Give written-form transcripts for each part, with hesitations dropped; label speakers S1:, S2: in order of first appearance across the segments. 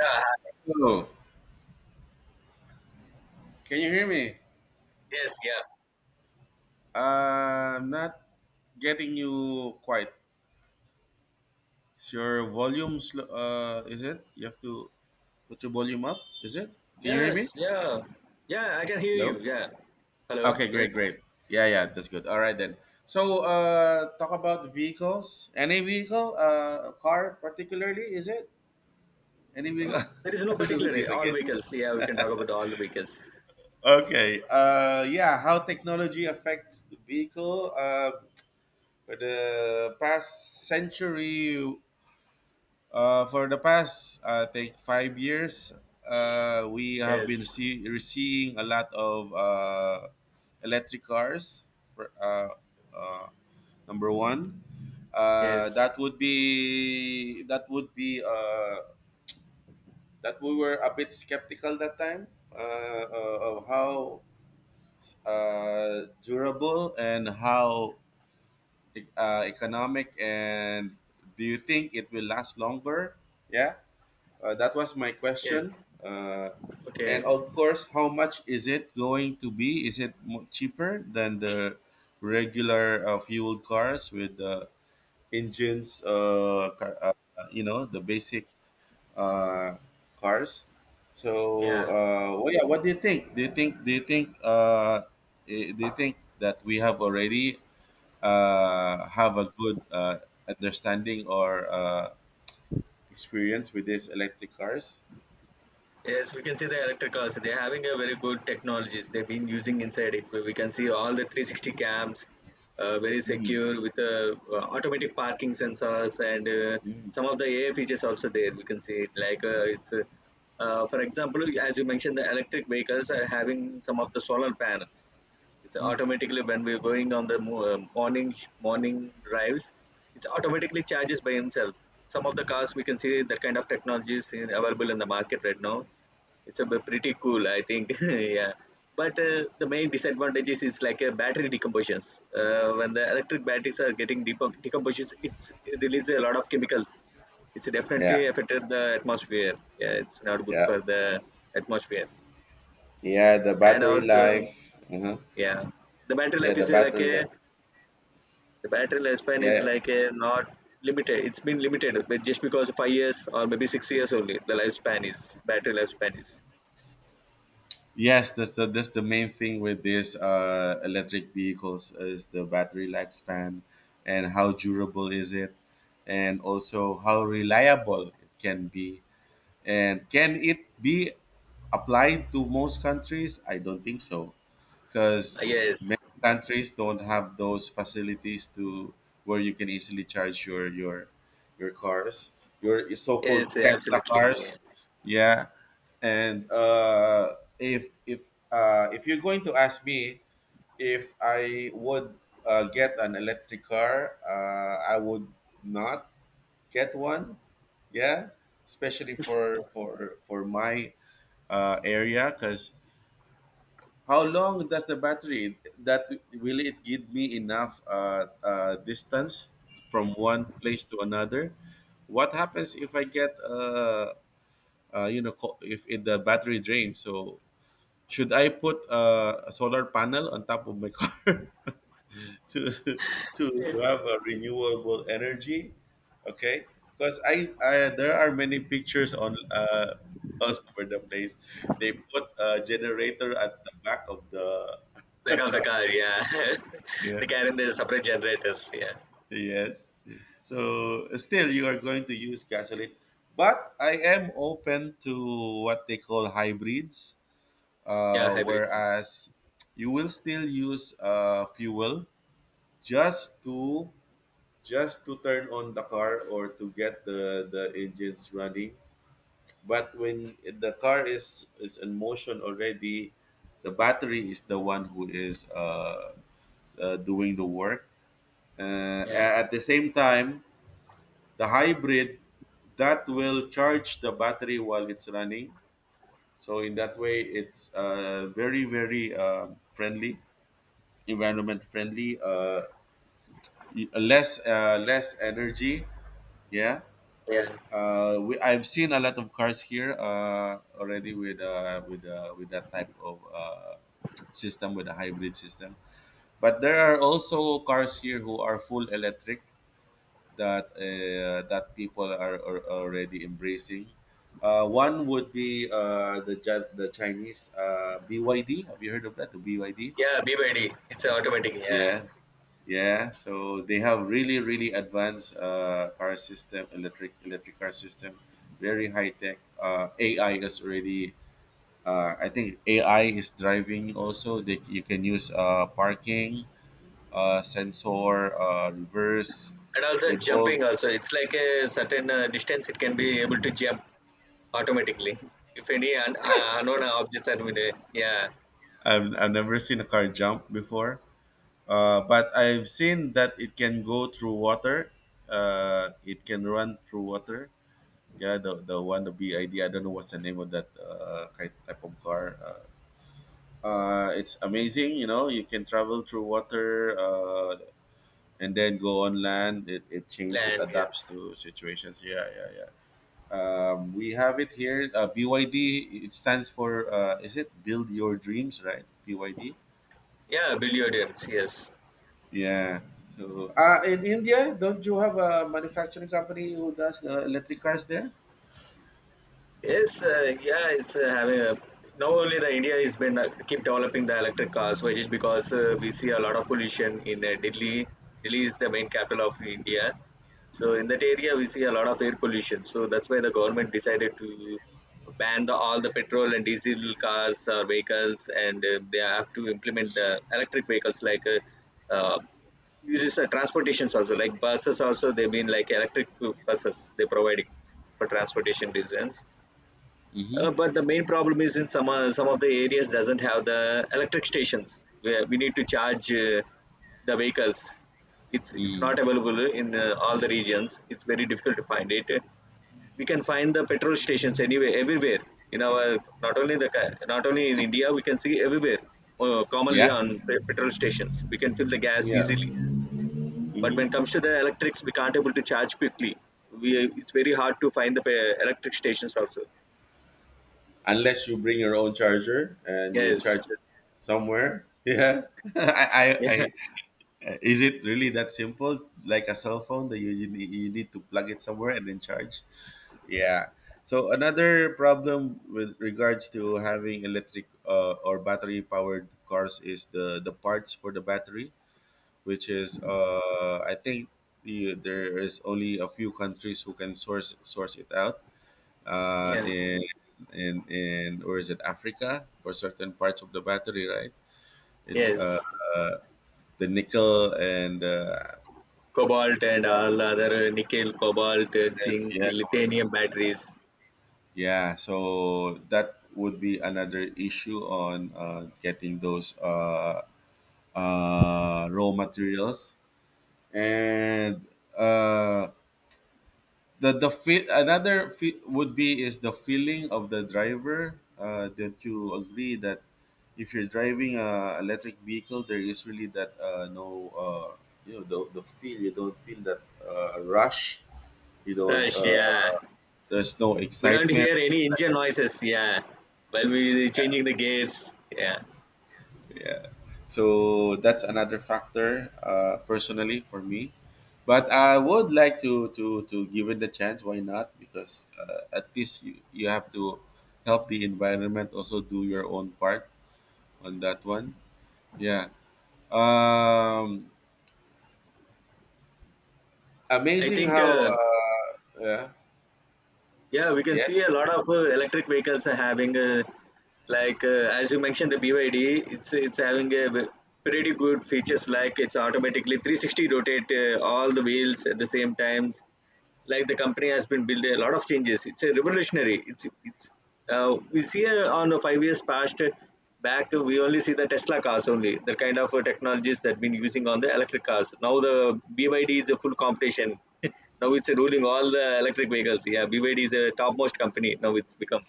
S1: Yeah,
S2: Hello, can you hear me?
S1: yes, yeah.
S2: I'm not getting you quite. Is your volume slow? Is it? You have to put your volume up. Is it? Can you hear
S1: Yes,
S2: me?
S1: yeah. Yeah, I can hear
S2: Hello.
S1: you. Yeah. Hello.
S2: Okay,
S1: Yes.
S2: great, great. Yeah, yeah, that's good. All right then. So talk about vehicles. Any vehicle, a car particularly, is it? Any
S1: Oh,
S2: vehicle?
S1: there is no
S2: I'll do
S1: particular
S2: this
S1: all
S2: again.
S1: vehicles. Yeah, we can talk about all the vehicles.
S2: Okay. Yeah. How technology affects the vehicle? For the past century. For the past, I think 5 years, we have been
S1: Yes.
S2: seeing a lot of electric cars. for- Uh, uh, Number one,
S1: Yes.
S2: that would be that we were a bit skeptical that time of how durable and how economic, and do you think it will last longer? Yeah. That was my
S1: Yes.
S2: question. And
S1: Okay.
S2: of course, how much is it going to be? Is it cheaper than the regular fuel cars with the engines, you know, the basic uh, cars? So,
S1: Yeah.
S2: uh, well, yeah, what do you think? Do you think? Do you think that we have already have a good understanding or experience with these electric cars?
S1: Yes, we can see the electric cars. They're having a very good technologies. They've been using inside it. We can see all the 360 cams, very
S2: Hmm.
S1: secure with automatic parking sensors and
S2: Mm,
S1: some of the AI features also there. We can see it for example, as you mentioned, the electric vehicles are having some of the solar panels. It's
S2: mm.
S1: automatically when we're going on the morning morning drives, it's automatically charges by himself. Some of the cars we can see that kind of technologies available in the market right now. It's a bit pretty cool I think. Yeah, but the main disadvantages is like a battery decompositions. When the electric batteries are getting decompositions, it releases a lot of chemicals. It's definitely
S2: Yeah,
S1: affected the atmosphere. Yeah, it's not good
S2: yeah,
S1: for the atmosphere.
S2: yeah. The
S1: And
S2: battery
S1: also
S2: life. Uh huh.
S1: yeah, the battery
S2: Yeah,
S1: life
S2: the
S1: is uh, like
S2: battery
S1: a
S2: life.
S1: the battery lifespan
S2: Yeah,
S1: is
S2: yeah.
S1: like a not limited. It's been limited, but just because 5 years or maybe 6 years only, the lifespan is battery lifespan is.
S2: Yes, that's the main thing with these electric vehicles, is the battery lifespan, and how durable is it, and also how reliable it can be. And can it be applied to most countries? I don't think so, because
S1: Yes,
S2: many countries don't have those facilities to where you can easily charge your your cars, your so-called
S1: yes,
S2: Tesla
S1: absolutely.
S2: cars.
S1: Yeah.
S2: Yeah, and if you're going to ask me if I would get an electric car, I would not get one. Yeah, especially for for my area, because how long does the battery, that will it give me enough distance from one place to another? What happens if I get if it, the battery drains? So should I put a solar panel on top of my car? To to have a renewable energy, okay? Because I there are many pictures on all over the place. They put a generator at the back of the
S1: Like of the
S2: car,
S1: car, yeah.
S2: yeah.
S1: They car in the separate generators, yeah,
S2: Yes, so still you are going to use gasoline, but I am open to what they call hybrids.
S1: yeah,
S2: uh
S1: hybrids,
S2: whereas you will still use fuel just to turn on the car, or to get the engines running. But when the car is in motion already, the battery is the one who is doing the work
S1: yeah,
S2: at the same time. The hybrid, that will charge the battery while it's running. So in that way it's very very friendly, environment friendly, less less energy. Yeah.
S1: yeah,
S2: I've seen a lot of cars here already with with that type of system, with a hybrid system. But there are also cars here who are full electric, that that people are already embracing. One would be the Chinese BYD. Have you heard of that? The BYD.
S1: yeah. BYD, it's automatic, yeah,
S2: Yeah, yeah, so they have really, really advanced car system, electric car system, very high tech. AI is already. I think AI is driving also. They, you can use parking sensor, reverse,
S1: and also
S2: with all.
S1: jumping also. It's like a certain distance it can be able to jump automatically if any unknown objects are with it. Yeah,
S2: I've never seen a car jump before, but I've seen that it can go through water. It can run through water. Yeah, the wannabe idea. I don't know what's the name of that type of car. It's amazing. You know, you can travel through water, and then go on land. It
S1: land,
S2: adapts
S1: yes.
S2: to situations. Yeah, yeah, yeah. We have it here. BYD. It stands for, is it build your dreams? Right? BYD.
S1: Yeah, billiard, yes, yes.
S2: Yeah. So in India, don't you have a manufacturing company who does the electric cars there?
S1: Yes, yeah, it's having a. Now only the India is been keep developing the electric cars, which is because we see a lot of pollution in Delhi. Delhi is the main capital of India, so in that area we see a lot of air pollution. So that's why the government decided to ban all the petrol and diesel cars or vehicles, and they have to implement the electric vehicles like uh, uses transportations also, like buses also, they've been like electric buses they're providing for transportation reasons.
S2: Mm-hmm.
S1: But the main problem is in some of the areas doesn't have the electric stations where we need to charge the vehicles. It's
S2: Mm.
S1: not available in all the regions. It's very difficult to find it. We can find the petrol stations anywhere, everywhere in our not only in India. We can see everywhere commonly
S2: Yeah.
S1: on petrol stations. We can fill the gas
S2: Yeah.
S1: easily. But when it
S2: Mm-hmm.
S1: comes to the electrics, we can't able to charge quickly. We it's very hard to find the electric stations also.
S2: Unless you bring your own charger and you
S1: Yes.
S2: charge it somewhere. Yeah, I, I, is it really that simple? Like a cell phone that you you need to plug it somewhere and then charge. Yeah. So another problem with regards to having electric or battery powered cars is the parts for the battery, which is I think there is only a few countries who can source it out uh,
S1: Yeah.
S2: in in or is it Africa, for certain parts of the battery, right? It's
S1: Yes,
S2: uh the nickel and
S1: cobalt and all other nickel, cobalt,
S2: and-
S1: zinc,
S2: yeah, com-
S1: lithium batteries.
S2: yeah. So that would be another issue on getting those raw materials, and. Uh, the the feel, would be is the feeling of the driver. Don't you agree that if you're driving a electric vehicle, there is really that no you know, the feel, you don't feel that rush? You don't
S1: Rush, yeah.
S2: there's no
S1: We don't
S2: excitement.
S1: hear any engine noises, yeah. While we changing the gears, yeah.
S2: Yeah. So that's another factor, personally for me. But I would like to give it the chance, why not? Because at least you have to help the environment also, do your own part on that one. Yeah. um
S1: I
S2: amazing
S1: think,
S2: how
S1: uh,
S2: uh yeah
S1: yeah, we can
S2: yes,
S1: see a lot of electric vehicles are having, like uh, as you mentioned, the BYD. It's having a pretty good features like it's automatically 360 rotate all the wheels at the same times. Like the company has been built a lot of changes. It's a revolutionary. It's We see on a 5 years past back we only see the Tesla cars only, the kind of technologies that been using on the electric cars. Now the BYD is a full competition. Now it's ruling all the electric vehicles. Yeah, BYD is a topmost company now it's become.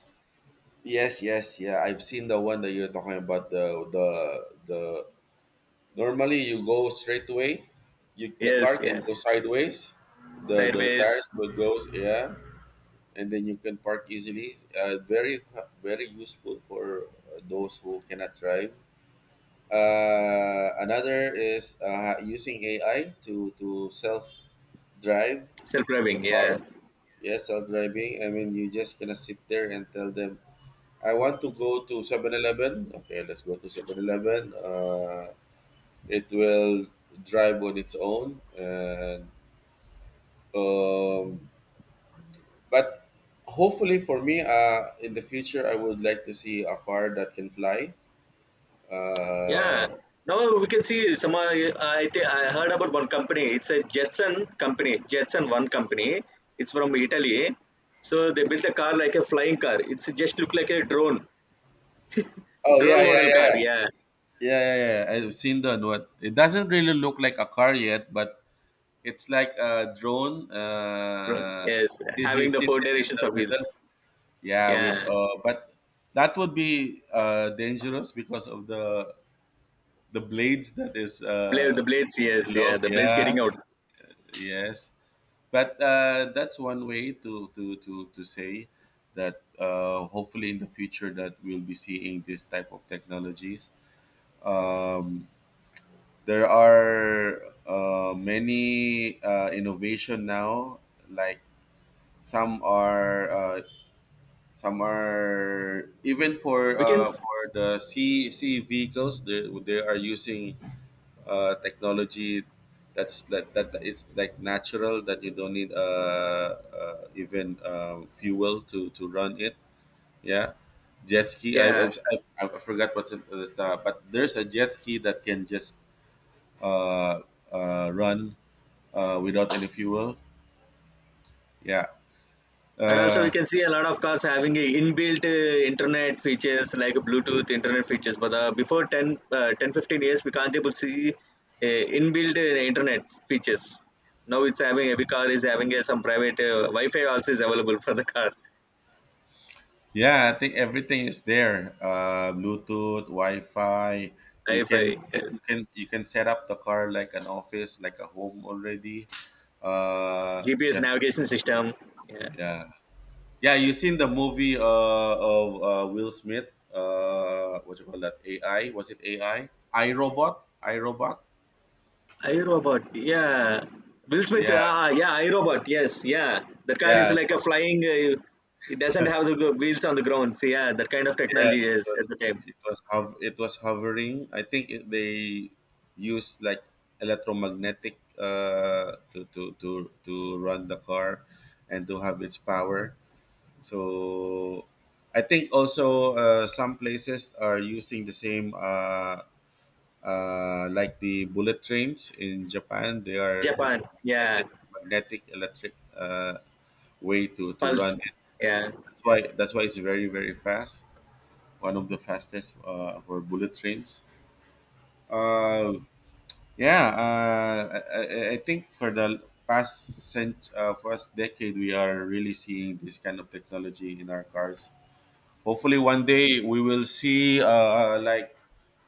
S2: yes, yes, yeah, I've seen the one that you're talking about, the normally, you go straight away. You, the car
S1: Yes,
S2: can
S1: yeah,
S2: go sideways. The
S1: sideways,
S2: tires will go, yeah, and then you can park easily. Very very useful for those who cannot drive. Another is using AI to self drive the
S1: self-driving yeah.
S2: cars. Yes, self driving. I mean, you just gonna sit there and tell them, I want to go to 7-Eleven. Okay, let's go to 7-Eleven. Eleven. It will drive on its own. And um, but hopefully for me in the future, I would like to see a car that can fly.
S1: Yeah.
S2: uh
S1: Now we can see some. I think I heard about one company. It's a Jetson company. Jetson one company. It's from Italy. So they built a car like a flying car. It's just look like a
S2: oh
S1: drone
S2: yeah, yeah,
S1: model
S2: yeah.
S1: car. Yeah.
S2: Yeah, yeah, yeah, yeah. I've seen that one. It doesn't really look like a car yet, but it's like a drone.
S1: Yes, having
S2: He's
S1: the four
S2: sitting in
S1: directions
S2: the
S1: of wheels.
S2: middle, yeah, with
S1: Yeah.
S2: but that would be dangerous because of the blades that is
S1: Blade, the blades. Yes.
S2: below,
S1: Yeah. The blades
S2: yeah.
S1: getting out.
S2: Yes, but that's one way to say that hopefully in the future that we'll be seeing this type of technologies. Um, there are many innovation now, like some are uh, some are even for
S1: We can.
S2: the sea vehicles. They are using technology that it's like natural, that you don't need even fuel to run it. Yeah. Jet ski.
S1: Yeah.
S2: I forgot what's in the stuff, but there's a jet ski that can just uh, run without any fuel, yeah.
S1: And also, we
S2: uh,
S1: can see a lot of cars having a inbuilt internet features like Bluetooth internet features. But before 10, 10, 15 years, we can't able to see inbuilt internet features. Now it's having every car is having some private Wi-Fi also is available for the car.
S2: Yeah, I think everything is there. Bluetooth, Wi-Fi.
S1: Wi-Fi, yes.
S2: You can set up the car like an office, like a home already. Uh,
S1: GPS
S2: just
S1: navigation system. Yeah,
S2: yeah, yeah. You seen the movie of Will Smith? What you call that? AI? Was it AI? iRobot? iRobot?
S1: iRobot. Yeah, Will Smith.
S2: Yeah.
S1: Ah,
S2: So
S1: yeah, iRobot. Yes, yeah. The car is
S2: yeah.
S1: like
S2: So
S1: a flying. It doesn't have the wheels on the ground. So yeah, that kind of technology
S2: yes, it
S1: is
S2: was,
S1: at the time.
S2: it was hovering. I think they used like electromagnetic, to run the car and to have its power. So I think also some places are using the same, like the bullet trains in Japan. They are
S1: Japan,
S2: using
S1: yeah.
S2: magnetic electric way to
S1: Pulse,
S2: run it.
S1: yeah.
S2: That's why it's very very fast, one of the fastest for bullet trains. Uh, I think for the first decade, we are really seeing this kind of technology in our cars. Hopefully one day we will see like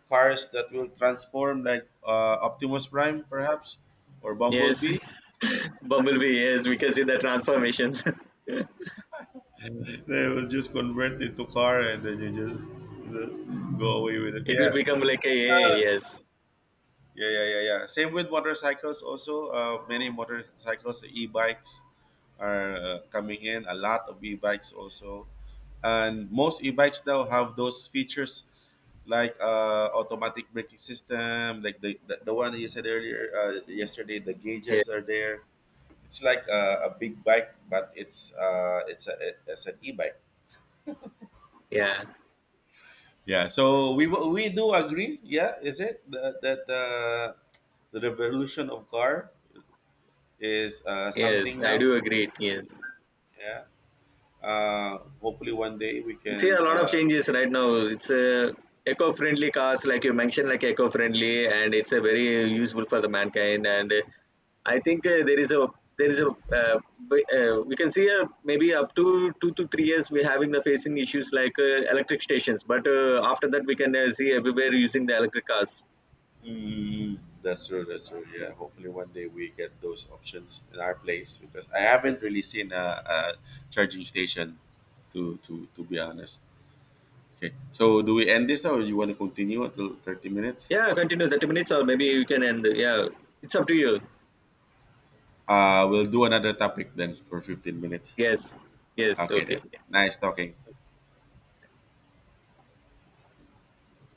S2: cars that will transform, like Optimus Prime, perhaps, or
S1: Yes.
S2: Bumblebee.
S1: Bumblebee, yes, because in the transformations.
S2: They will just convert into car, and then you just, you know, go away with it.
S1: It will
S2: Yeah.
S1: become like a AI, yes.
S2: Yeah, yeah, yeah, yeah. Same with motorcycles also. Many motorcycles, e-bikes are coming in. A lot of e-bikes also. And most e-bikes now have those features like automatic braking system, like the one you said earlier, yesterday, the
S1: Yeah,
S2: gauges are there. It's like a big bike, but it's an e-bike.
S1: yeah.
S2: Yeah, so we do agree. Yeah, is it that the revolution of car is
S1: Yes,
S2: something
S1: I
S2: now.
S1: do agree. Yes,
S2: Yeah. Hopefully one day we
S1: we see a
S2: can.
S1: lot of changes right now. It's a eco-friendly cars, like you mentioned, like eco-friendly, and it's a very useful for the mankind. And I think there is a b- we can see maybe up to 2 to 3 years we're having the facing issues like electric stations, but after that we can see everywhere using the electric cars.
S2: Mm, that's true. That's true. Yeah. Hopefully one day we get those options in our place, because I haven't really seen a charging station. To be honest. Okay. So do we end this now, or you want to continue until 30 minutes?
S1: Yeah, continue 30 minutes or maybe you can end. Yeah, it's up to you.
S2: We'll do another topic then for 15 minutes.
S1: Yes, yes,
S2: Okay
S1: okay.
S2: then. Nice talking.